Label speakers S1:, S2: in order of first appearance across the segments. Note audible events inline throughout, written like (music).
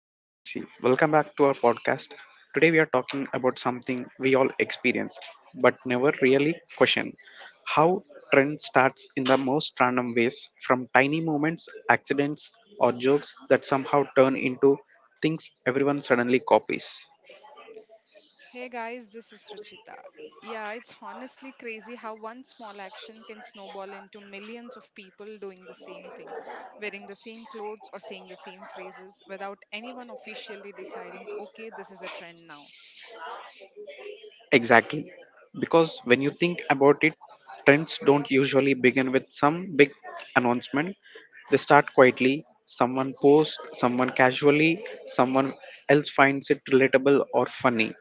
S1: this is Vamsi. Welcome back to our podcast. Today we are talking about something we all experience but never really question. How trend starts in the most random ways from tiny moments, accidents, or jokes that somehow turn into things everyone suddenly copies.
S2: Hey guys, this is Ruchita. Yeah, it's honestly crazy how one small action can snowball into millions of people doing the same thing, wearing the same clothes or saying the same phrases without anyone officially deciding, okay, this is a trend now.
S1: Exactly. Because when you think about it, trends don't usually begin with some big announcement. They start quietly. Someone posts, someone casually, someone else finds it relatable or funny,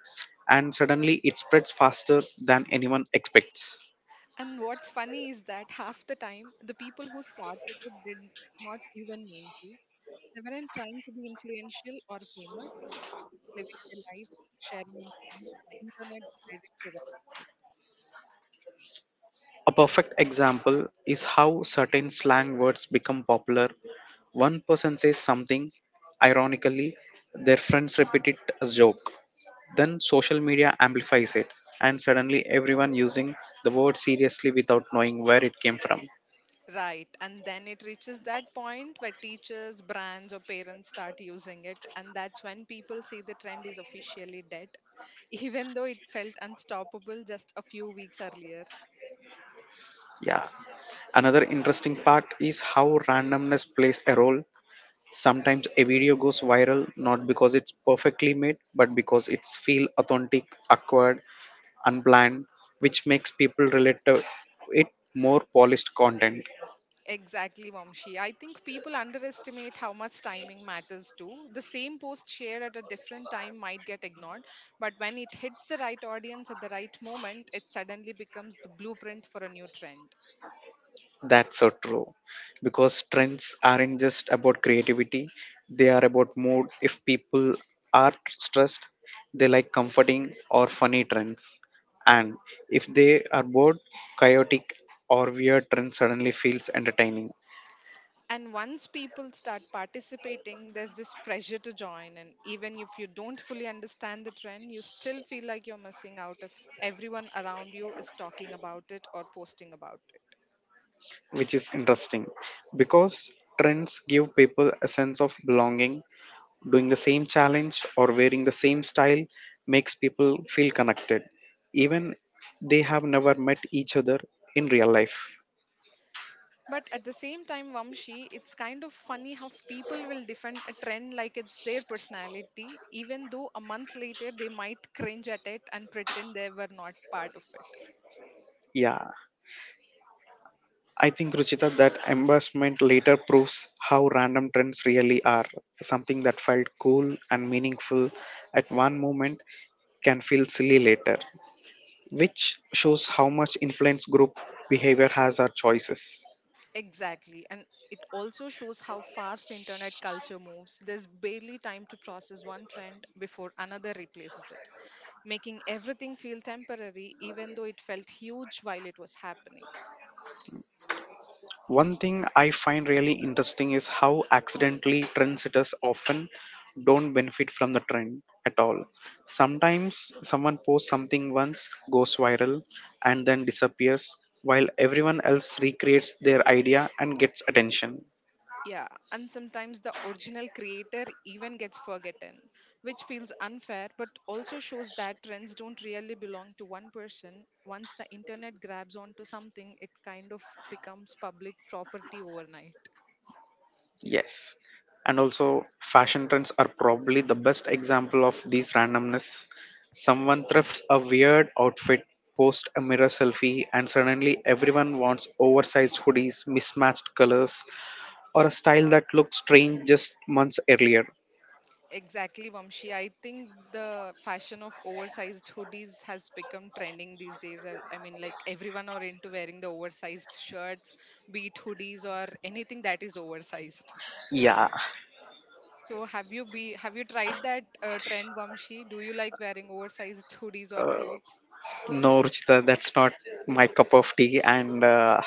S1: and suddenly it spreads faster than anyone expects.
S2: And what's funny is that half the time, the people who started it did not even mean to. They weren't trying to be influential or famous, they were just living their lives, sharing a moment, and the internet decided to write.
S1: A perfect example is how certain slang words become popular. One person says something, ironically, their friends repeat it as joke. Then social media amplifies it, and suddenly everyone using the word seriously without knowing where it came from.
S2: Right. And then it reaches that point where teachers, brands, or parents start using it. And that's when people say the trend is officially dead, (laughs) even though it felt unstoppable just a few weeks earlier.
S1: Yeah. Another interesting part is how randomness plays a role. Sometimes a video goes viral not because it's perfectly made, but because it's feel authentic, awkward, unplanned, which makes people relate to it more polished content.
S2: Exactly, Vamshi. I think people underestimate how much timing matters too. The same post shared at a different time might get ignored, but when it hits the right audience at the right moment, it suddenly becomes the blueprint for a new trend.
S1: That's so true. Because trends aren't just about creativity, they are about mood. If people are stressed, they like comforting or funny trends. And if they are bored, chaotic or weird trends suddenly feels entertaining,
S2: And once people start participating, there's this pressure to join in. Even if you don't fully understand the trend, you still feel like you're missing out if everyone around you is talking about it or posting about it.
S1: which is interesting because trends give people a sense of belonging. Doing the same challenge or wearing the same style makes people feel connected, even they have never met each other in real life.
S2: But at the same time, Vamshi, it's kind of funny how people will defend a trend like it's their personality, even though a month later they might cringe at it and pretend they were not part of it.
S1: Yeah, I think Ruchita that embarrassment later proves how random trends really are. Something that felt cool and meaningful at one moment can feel silly later, which shows how much influence group behavior has our choices.
S2: Exactly. And it also shows how fast internet culture moves. There's barely time to process one trend before another replaces it, making everything feel temporary, even though it felt huge while it was happening.
S1: One thing I find really interesting is how accidentally trendsetters often don't benefit from the trend at all. Sometimes someone posts something once, goes viral, and then disappears, while everyone else recreates their idea and gets attention.
S2: Yeah, and sometimes the original creator even gets forgotten, which feels unfair, but also shows that trends don't really belong to one person. Once the internet grabs onto something, it kind of becomes public property overnight.
S1: Yes. And also, fashion trends are probably the best example of these randomness. Someone thrifts a weird outfit, posts a mirror selfie, and suddenly everyone wants oversized hoodies, mismatched colors, or a style that looked strange just months earlier.
S2: Exactly, Vamshi. I think the fashion of oversized hoodies has become trending these days. I mean, like everyone are into wearing the oversized shirts, be it hoodies or anything that is oversized.
S1: Yeah,
S2: So, have you tried that trend, Vamshi? Do you like wearing oversized hoodies or clothes?
S1: no, Ruchita, that's not my cup of tea, and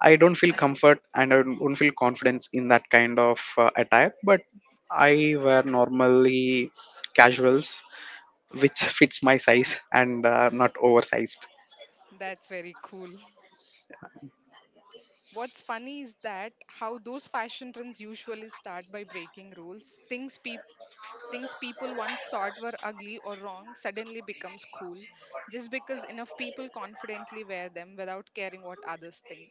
S1: I don't feel comfort and I don't feel confidence in that kind of attire. But I wear normally casuals which fits my size and are not oversized.
S2: That's very cool. What's funny is that how those fashion trends usually start by breaking rules. Things people once thought were ugly or wrong suddenly becomes cool just because enough people confidently wear them without caring what others think.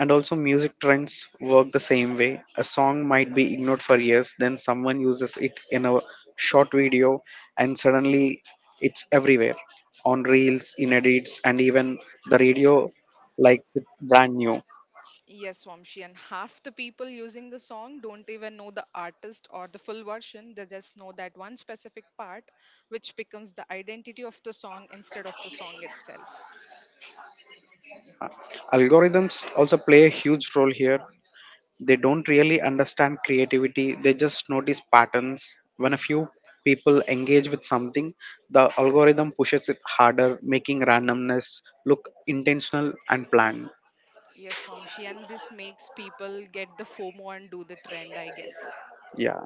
S1: And also, music trends work the same way. A song might be ignored for years, then someone uses it in a short video, and suddenly it's everywhere on reels, in edits, and even the radio likes it brand new.
S2: Yes, Vamshi, and half the people using the song don't even know the artist or the full version. They just know that one specific part, which becomes the identity of the song instead of the song itself.
S1: Algorithms also play a huge role here. They don't really understand creativity, they just notice patterns. When a few people engage with something, the algorithm pushes it harder, making randomness look intentional and planned.
S2: Yes, Vamshi, and this makes people get the FOMO and do the trend, I guess.
S1: Yeah.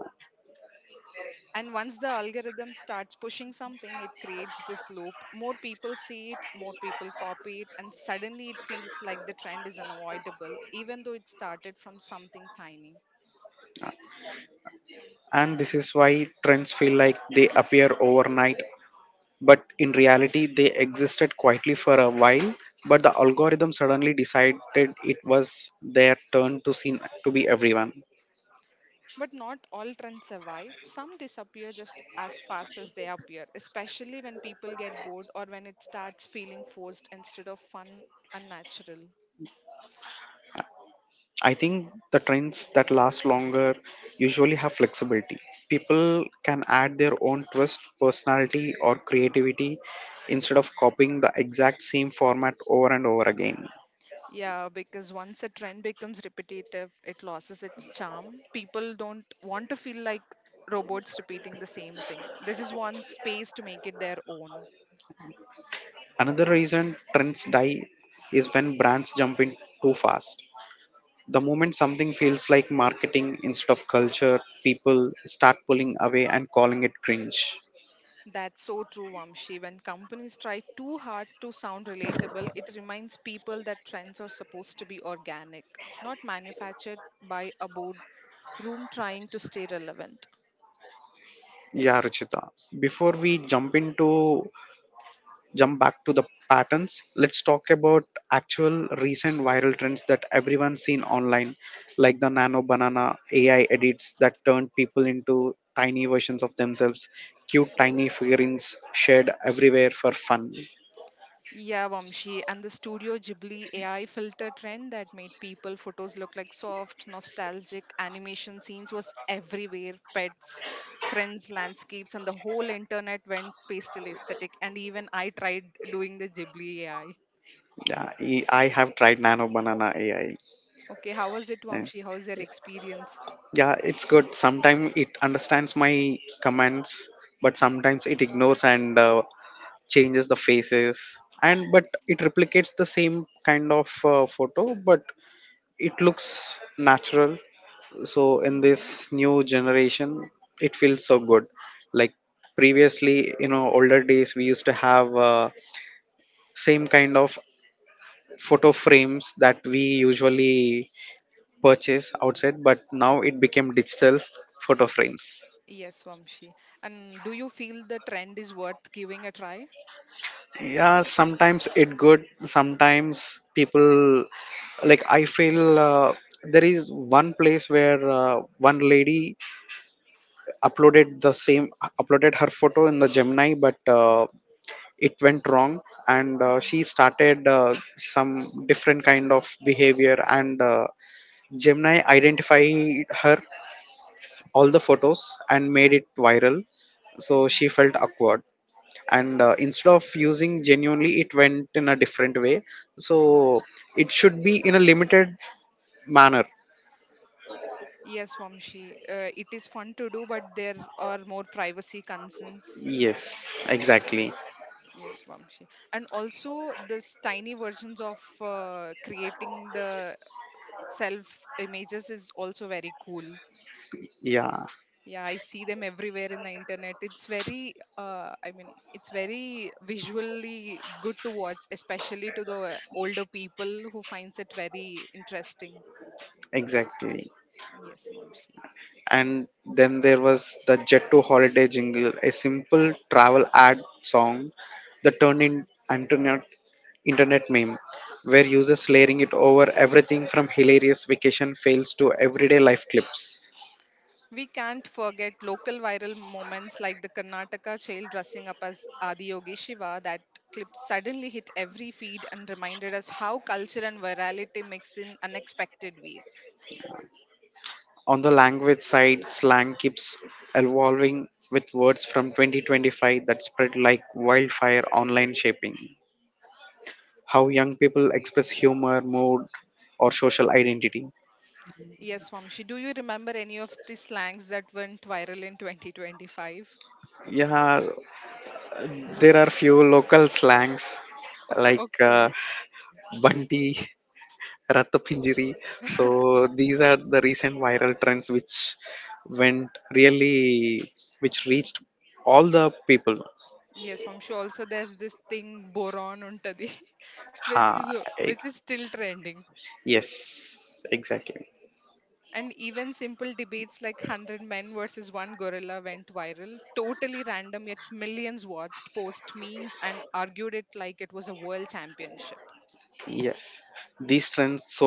S2: And once the algorithm starts pushing something, it creates this loop. More people see it, more people copy it, and suddenly it feels like the trend is unavoidable, even though it started from something tiny.
S1: And this is why trends feel like they appear overnight, but in reality, they existed quietly for a while. But the algorithm suddenly decided it was their turn to seem to be everyone.
S2: But not all trends survive. Some disappear just as fast as they appear, especially when people get bored or when it starts feeling forced instead of fun and natural.
S1: I think the trends that last longer usually have flexibility. People can add their own twist, personality, or creativity instead of copying the exact same format over and over again.
S2: Yeah, because once a trend becomes repetitive, it loses its charm. People don't want to feel like robots repeating the same thing. They just want space to make it their own.
S1: Another reason trends die is when brands jump in too fast. The moment something feels like marketing instead of culture, people start pulling away and calling it cringe.
S2: That's so true, Vamshi. When companies try too hard to sound relatable, it reminds people that trends are supposed to be organic, not manufactured by a boardroom trying to stay relevant.
S1: Yeah, Ruchita. Before we jump back to the patterns, let's talk about actual recent viral trends that everyone's seen online, like the nano banana AI edits that turned people into tiny versions of themselves, cute tiny figurines shared everywhere for fun.
S2: Yeah, Vamshi, and the Studio Ghibli AI filter trend that made people photos look like soft, nostalgic animation scenes was everywhere. Pets, friends, landscapes, and the whole internet went pastel aesthetic. And even I tried doing the Ghibli AI.
S1: Yeah, I have tried nano banana AI.
S2: Okay, how was it,
S1: And
S2: Vamshi? How's your experience?
S1: yeah, it's good. Sometimes it understands my commands, but
S2: Okay.
S1: sometimes it ignores and changes the faces, and but it replicates the same kind of photo, but it looks natural. So in
S2: Hmm.
S1: this new generation it feels so good, like previously, you know, older days we used to have same kind of photo frames that we usually purchase outside, but now it became digital photo frames.
S2: Yes, Vamshi. And do you feel the trend is worth giving a try?
S1: Yeah, sometimes it good, sometimes people, like I feel there is one place where one lady uploaded the same uploaded her photo in the Gemini, but it went wrong, and she started some different kind of behavior, and Gemini identified her all the photos and made it viral, so she
S2: Hmm.
S1: felt awkward. And instead of using genuinely it went in a different way, so it should be in a limited manner.
S2: Yes, Vamshi. It is fun to do, but there are more privacy concerns.
S1: Yes,
S2: Yeah.
S1: exactly.
S2: Yes, Vamshi. And also, this tiny versions of creating the self images is also very cool.
S1: Yeah,
S2: Yeah, I see them everywhere in the internet. It's very, it's very visually good to watch, especially to the older people who finds it very interesting.
S1: exactly.
S2: Yes, Vamshi.
S1: And then there was the jet to holiday jingle, a simple travel ad song that turned in internet internet meme where users layering it over everything from hilarious vacation fails to everyday life clips.
S2: We can't forget local viral moments like the Karnataka child dressing up as Adiyogi Shiva. That clip suddenly hit every feed and reminded us how culture and virality mix in unexpected ways.
S1: On the language side, slang keeps evolving with words from 2025 that spread like wildfire online shaping how young people express humor, mood, or social identity.
S2: Yes, Vamshi, do you remember any of the slangs that went viral in 2025?
S1: Yeah, there are few local slangs
S2: (laughs)
S1: like
S2: Okay.
S1: bunti, ratapinjiri. (laughs) So these are the recent viral trends which went really, which reached all the people.
S2: Yes, Vamshi, also there's this thing boron untadi, (laughs)
S1: Ha,
S2: which is which is still trending.
S1: yes, exactly.
S2: And even simple debates like 100 men versus one gorilla went viral. Totally random, yet millions watched, post memes, and argued it like it was a world championship.
S1: Yes. These trends,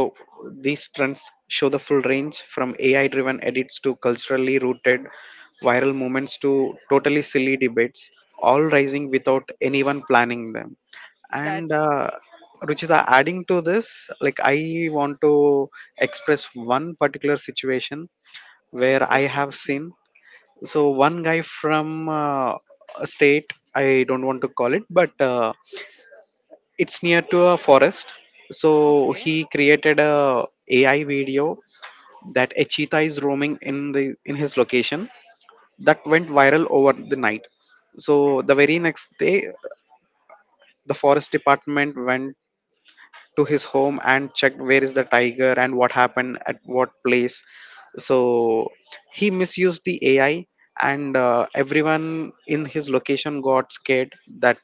S1: these trends show the full range from AI driven edits to culturally rooted viral moments to totally silly debates, all rising without anyone planning them. And
S2: That's okay.
S1: Ruchita, adding to this, like I want to express one particular situation where I
S2: Yes,
S1: have
S2: Vamshi.
S1: seen. So one guy from a state, I don't want to call it, but it's near to a forest, so
S2: Okay.
S1: he created a AI video that a cheetah is roaming in the in his location, that went viral over the night. So the very next day, the forest department went to his home and checked where is the tiger and what happened at what place. So he misused the AI, and everyone in his location got scared that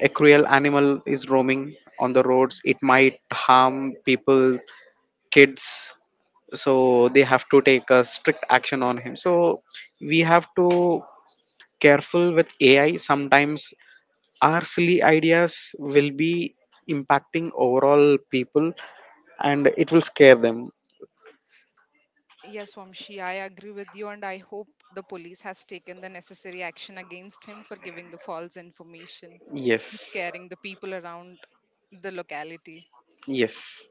S1: a cruel animal is roaming on the roads, it might harm people, kids. So they have to take a strict action on him, so we have to careful with AI. Sometimes our silly ideas will be impacting overall people, and it will scare them.
S2: Yes, Vamshi, I agree with you, and I hope the police has taken the necessary action against him for giving the false information and
S1: Yes,
S2: scaring the people around the locality.
S1: yes.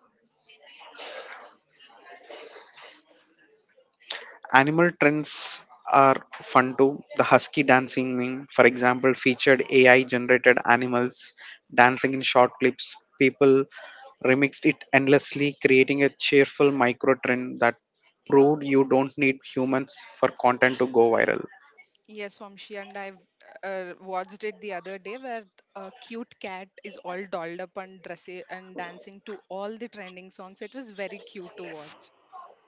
S1: Animal trends are fun too. The husky dancing meme, for example, featured AI generated animals dancing in short clips. People remixed it endlessly, creating a cheerful micro trend that proved you don't need humans for content to go viral.
S2: Yes, Vamshi, and I've watched it the other day where a cute cat is all dolled up and dressy and dancing to all the trending songs. It was very cute to watch.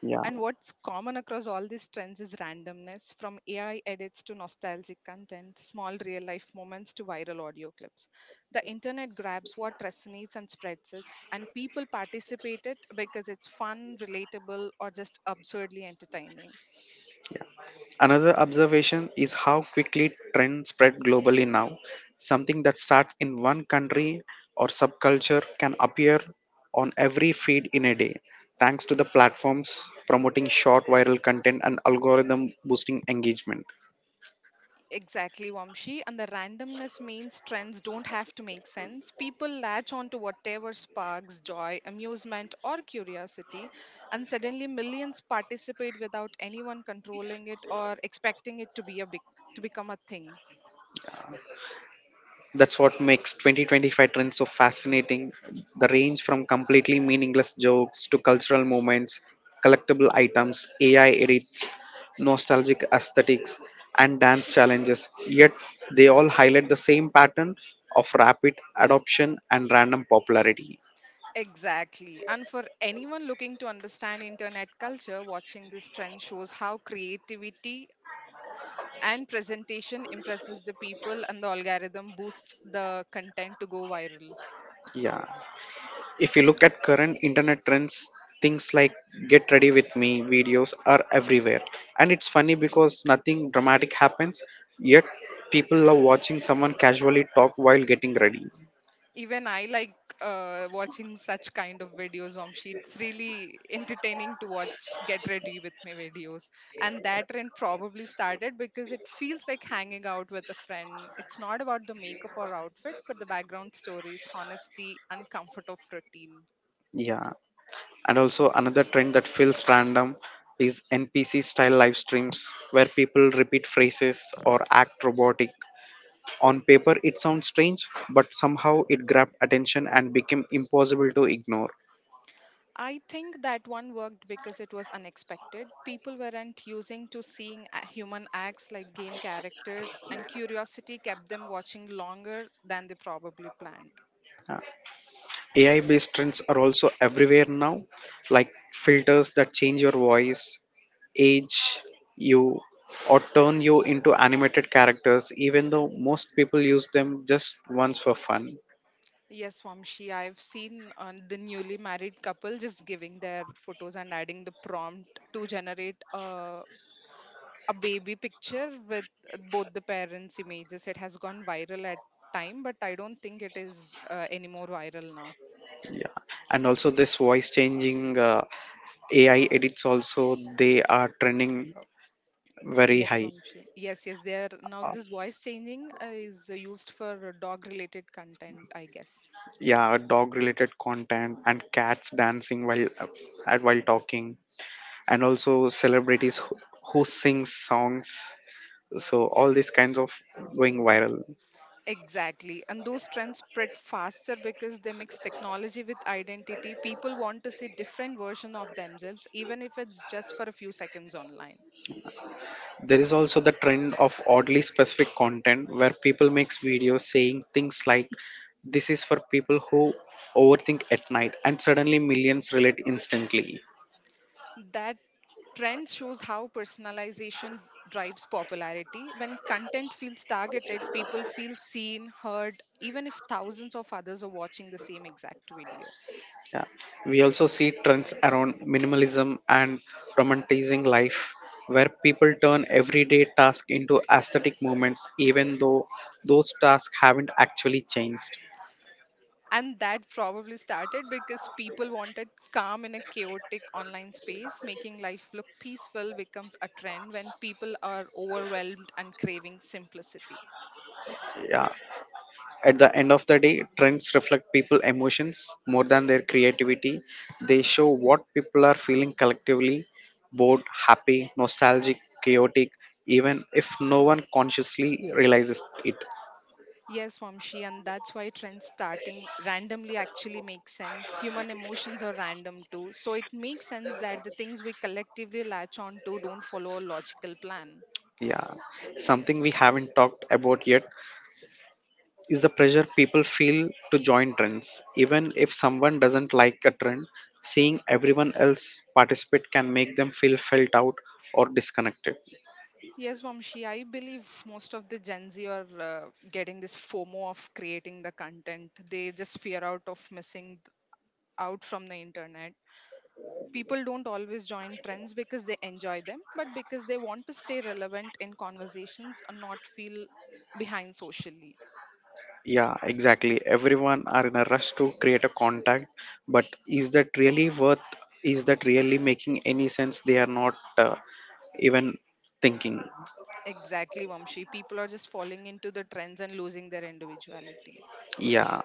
S1: Yeah.
S2: And what's common across all these trends is randomness, from AI edits to nostalgic content, small real life moments to viral audio clips. The internet grabs what resonates and spreads it, and people participate it because it's fun, relatable, or just absurdly entertaining.
S1: Another observation is how quickly trends spread globally now. Something that starts in one country or subculture can appear on every feed in a day, thanks to the platforms promoting short viral content and algorithm boosting engagement.
S2: Exactly, Vamshi. And the randomness means trends don't have to make sense. People latch on to whatever sparks joy, amusement, or curiosity, and suddenly millions participate without anyone controlling it or expecting it to be a big to become a thing.
S1: That's what makes 2025 trends so fascinating. The range from completely meaningless jokes to cultural moments, collectible items, AI nostalgic aesthetics, and dance challenges, yet they all highlight the same pattern of rapid adoption and random popularity.
S2: Exactly. And for anyone looking to understand internet culture, watching this trend shows how creativity and presentation impresses the people and the algorithm boosts the content to go viral.
S1: Yeah. If you look at current internet trends, things like get ready with me videos are everywhere. And it's funny because nothing dramatic happens, yet people love watching someone casually talk while getting ready.
S2: Even I like watching such kind of videos, Vamshi. It's really entertaining to watch Get Ready With Me videos. And that trend probably started because it feels like hanging out with a friend. It's not about the makeup or outfit, but the background stories, honesty, and comfort of routine.
S1: Yeah. And also another trend that feels random is NPC style live streams where people repeat phrases or act robotic. On paper it sounds strange, but somehow it grabbed attention and became impossible to ignore.
S2: I think that one worked because it was unexpected. People weren't using to seeing human acts like game characters, and curiosity kept them watching longer than they probably planned.
S1: Uh, AI based trends are also everywhere now, like filters that change your voice, age you, or turn you into animated characters, even though most people use them just once for fun.
S2: Yes, Vamshi, I've seen the newly married couple just giving their photos and adding the prompt to generate a baby picture with both the parents' images. It has gone viral at time, but I don't think it is anymore viral now.
S1: Yeah. And also, this voice changing AI edits also they are trending very
S2: Yes,
S1: high.
S2: Vamshi. Yes, there now
S1: Uh,
S2: this voice changing is used for dog related content, I guess.
S1: yeah, dog related content and cats dancing while at while talking, and also celebrities who sing songs. So all these kinds of going viral.
S2: Exactly. And those trends spread faster because they mix technology with identity. People want to see different version of themselves, even if it's just for a few seconds online.
S1: There is also the trend of oddly specific content where people makes videos saying things like this is for people who overthink at night, and suddenly millions relate instantly.
S2: That trend shows how personalization drives popularity. When content feels targeted, people feel seen, heard, even if thousands of others are watching the same exact video.
S1: Yeah. We also see trends around minimalism and romanticizing life, where people turn everyday tasks into aesthetic moments, even though those tasks haven't actually changed.
S2: And that probably started because people wanted calm in a chaotic online space, making life look peaceful becomes a trend when people are overwhelmed and craving simplicity.
S1: Yeah. At the end of the day, trends reflect people's emotions more than their creativity. They show what people are feeling collectively, bored, happy, nostalgic, chaotic, even if no one consciously realizes it.
S2: Yes, Vamshi, and that's why trends starting randomly actually make sense. Human emotions are random too, so it makes sense that the things we collectively latch on to don't follow a logical plan.
S1: Yeah, something we haven't talked about yet is the pressure people feel to join trends. Even if someone doesn't like a trend, seeing everyone else participate can make them feel felt out or disconnected.
S2: Yes, Vamshi, I believe most of the Gen Z are getting this FOMO of creating the content. They just fear out of missing out from the internet. People don't always join trends because they enjoy them, but because they want to stay relevant in conversations and not feel behind socially.
S1: Yeah, exactly. Everyone are in a rush to create a contact, but is that really worth? Is that really making any sense? They are not even thinking.
S2: Exactly, Vamshi. People are just falling into the trends and losing their individuality.
S1: Yeah,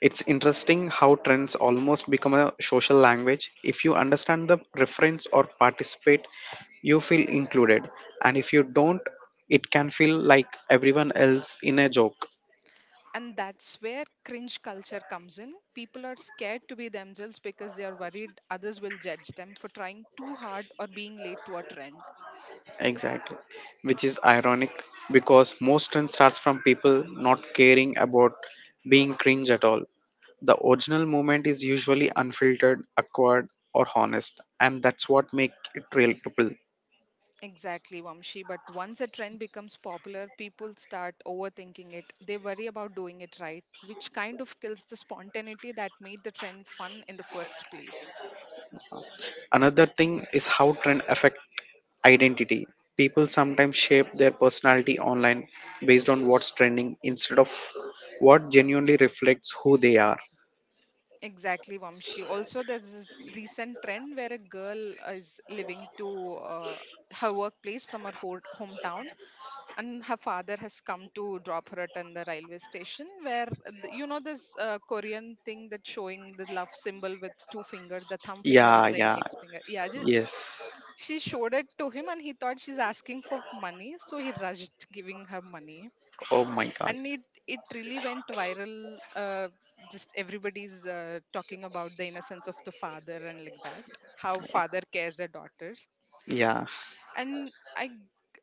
S1: it's interesting how trends almost become a social language. If you understand the reference or participate, you feel included. And if you don't, it can feel like everyone else in a joke.
S2: And that's where cringe culture comes in. People are scared to be themselves because they are worried others will judge them for trying too hard or being late to a trend.
S1: Exactly. Which is ironic because most trend starts from people not caring about being cringe at all. The original moment is usually unfiltered, awkward, or honest, and that's what makes it relatable.
S2: Exactly, Vamshi. But once a trend becomes popular, people start overthinking it. They worry about doing it right, which kind of kills the spontaneity that made the trend fun in the first place.
S1: Another thing is how trend affect identity. People sometimes shape their personality online based on what's trending instead of what genuinely reflects who they are.
S2: Exactly, Vamshi. Also, there's this recent trend where a girl is living to her workplace from her hometown, and her father has come to drop her at in the railway station. Where you know this Korean thing that's showing the love symbol with two fingers, the thumb finger
S1: Yeah,
S2: and the
S1: yeah.
S2: index finger. Yeah,
S1: Yes.
S2: she showed it to him, and he thought she's asking for money, so he rushed giving her money
S1: Oh my god.
S2: and it really went viral. Just everybody's talking about the innocence of the father and like that, how father cares their daughters,
S1: Yeah.
S2: and I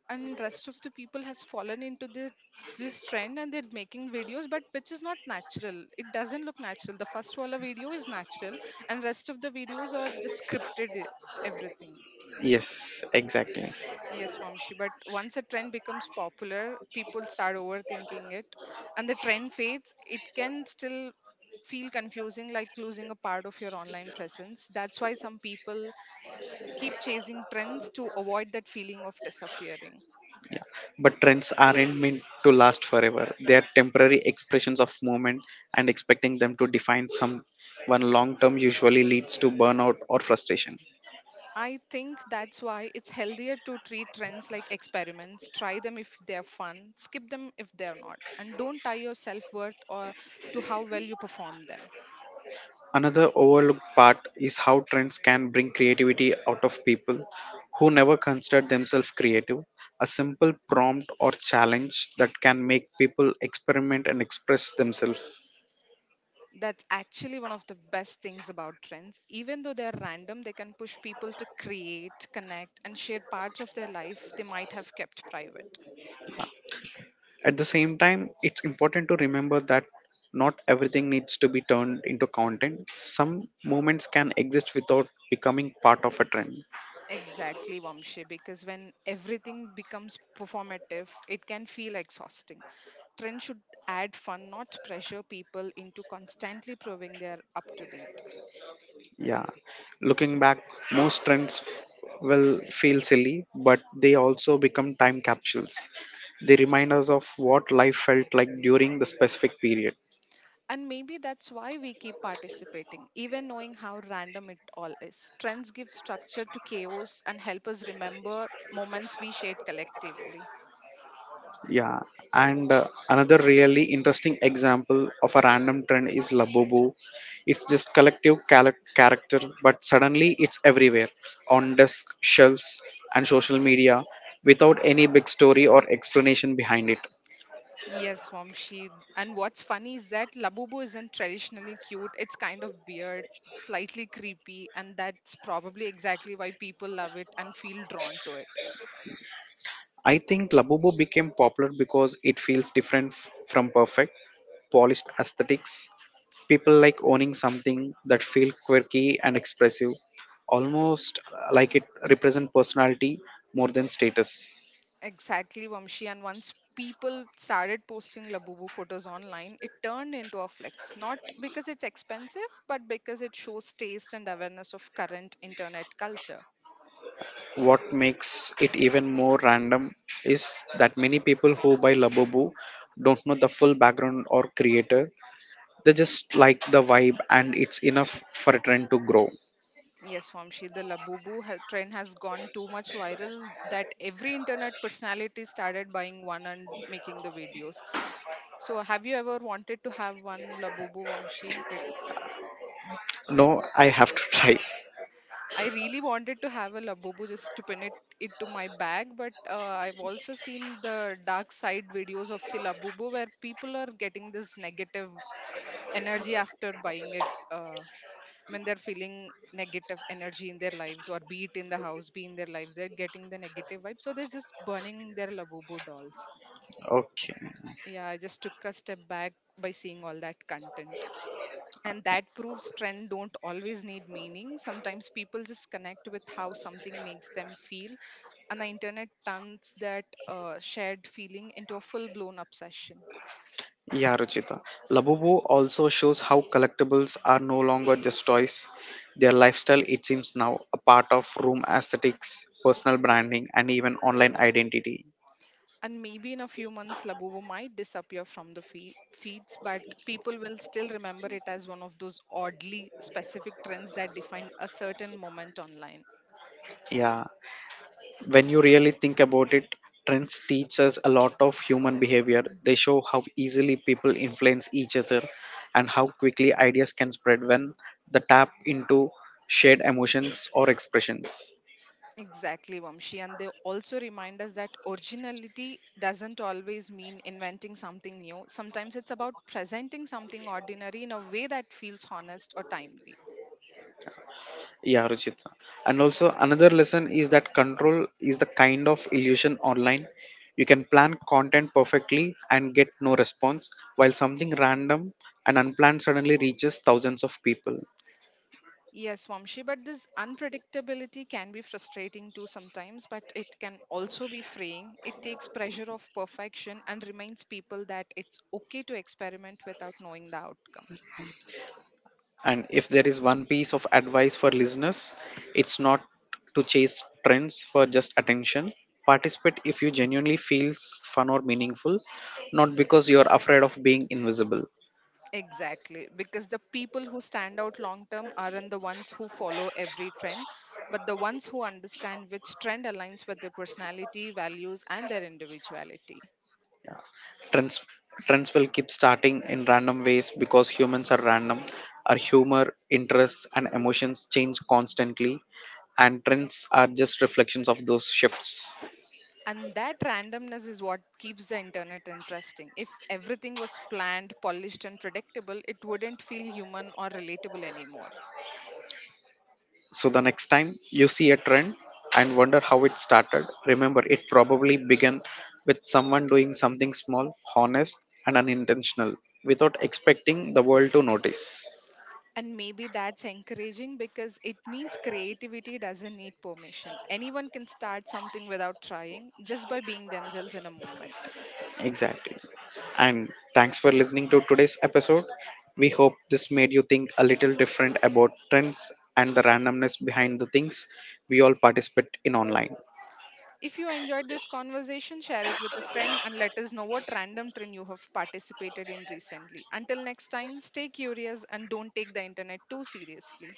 S2: and rest of the people has fallen into this trend and they're making videos but which is not natural. It doesn't look natural. The first walla video is natural and rest of the videos are just scripted everything.
S1: Yes, exactly.
S2: Yes, Vamshi. But once a trend becomes popular, people start overthinking it, and the trend fades. It can still feel confusing, like losing a part of your online presence. That's why some people keep chasing trends to avoid that feeling of disappearing.
S1: But trends aren't meant to last forever, they are temporary expressions of movement, and expecting them to define someone long term usually leads to burnout or frustration.
S2: I think that's why it's healthier to treat trends like experiments. Try them if they're fun, skip them if they're not, and don't tie your self worth or to how well you perform them.
S1: Another overlooked part is how trends can bring creativity out of people who never considered themselves creative. A simple prompt or challenge that can make people experiment and express themselves.
S2: That's actually one of the best things about trends. Even though they're random, they can push people to create, connect, and share parts of their life they might have kept private.
S1: At the same time, it's important to remember that not everything needs to be turned into content. Some moments can exist without becoming part of a trend.
S2: Exactly, Vamshi, because when everything becomes performative, it can feel exhausting. Trends should add fun, not pressure people into constantly proving they're up to date.
S1: Yeah, looking back, most trends will feel silly, but they also become time capsules. They remind us of what life felt like during the specific period.
S2: And maybe that's why we keep participating, even knowing how random it all is. Trends give structure to chaos and help us remember moments we shared collectively.
S1: Yeah, and another really interesting example of a random trend is Labubu. It's just collective character, but suddenly it's everywhere on desk, shelves, and social media without any big story or explanation behind it.
S2: Yes, Vamshi. And what's funny is that Labubu isn't traditionally cute. It's kind of weird, slightly creepy, and that's probably exactly why people love it and feel drawn to it.
S1: I think Labubu became popular because it feels different from perfect, polished aesthetics. People like owning something that feels quirky and expressive, almost like it represents personality more than status.
S2: Exactly, Vamshi. And once people started posting Labubu photos online, it turned into a flex. Not because it's expensive, but because it shows taste and awareness of current internet culture.
S1: What makes it even more random is that many people who buy Labubu don't know the full background or creator. They just like the vibe and it's enough for a trend to grow.
S2: Yes, Vamshi, the Labubu trend has gone too much viral that every internet personality started buying one and making the videos. So, have you ever wanted to have one Labubu, Vamshi? It
S1: No, I have to (laughs) try.
S2: I really wanted to have a labubu just to pin it into my bag, but I've also seen the dark side videos of the labubu where people are getting this negative energy after buying it. When they're feeling negative energy in their lives, or be it in the house, be in their lives, they're getting the negative vibe. So they're just burning their labubu dolls.
S1: Okay.
S2: Yeah, I just took a step back by seeing all that content. And that proves trend don't always need meaning. Sometimes people just connect with how something makes them feel and the internet turns that shared feeling into a full blown obsession.
S1: Yeah, Ruchita. Labubu also shows how collectibles are no longer just toys. Their lifestyle, it seems now, a part of room aesthetics, personal branding, and even online identity.
S2: And maybe in a few months, Labubu might disappear from the feeds, but people will still remember it as one of those oddly specific trends that define a certain moment online.
S1: Yeah, when you really think about it, trends teach us a lot of human behavior. They show how easily people influence each other and how quickly ideas can spread when they tap into shared emotions or expressions.
S2: Exactly, Vamshi. And they also remind us that originality doesn't always mean inventing something new. Sometimes it's about presenting something ordinary in a way that feels honest or timely.
S1: Yeah, Ruchita. And also another lesson is that control is the kind of illusion online. You can plan content perfectly and get no response, while something random and unplanned suddenly reaches thousands of people.
S2: Yes, Vamshi, but this unpredictability can be frustrating too sometimes, but it can also be freeing. It takes pressure off perfection and reminds people that it's okay to experiment without knowing the outcome.
S1: And if there is one piece of advice for listeners, it's not to chase trends for just attention. Participate if you genuinely feels fun or meaningful, not because you're afraid of being invisible.
S2: Exactly, because the people who stand out long term aren't the ones who follow every trend, but the ones who understand which trend aligns with their personality, values, and their individuality.
S1: Trends Trends will keep starting in random ways because humans are random. Our humor, interests, and emotions change constantly, and trends are just reflections of those shifts.
S2: And that randomness is what keeps the internet interesting. If everything was planned, polished, and predictable, it wouldn't feel human or relatable anymore.
S1: So the next time you see a trend and wonder how it started, remember it probably began with someone doing something small, honest, and unintentional without expecting the world to notice.
S2: And maybe that's encouraging because it means creativity doesn't need permission. Anyone can start something without trying, just by being themselves in a moment.
S1: Exactly. And thanks for listening to today's episode. We hope this made you think a little different about trends and the randomness behind the things we all participate in online.
S2: If you enjoyed this conversation, share it with a friend and let us know what random trend you have participated in recently. Until next time, stay curious and don't take the internet too seriously.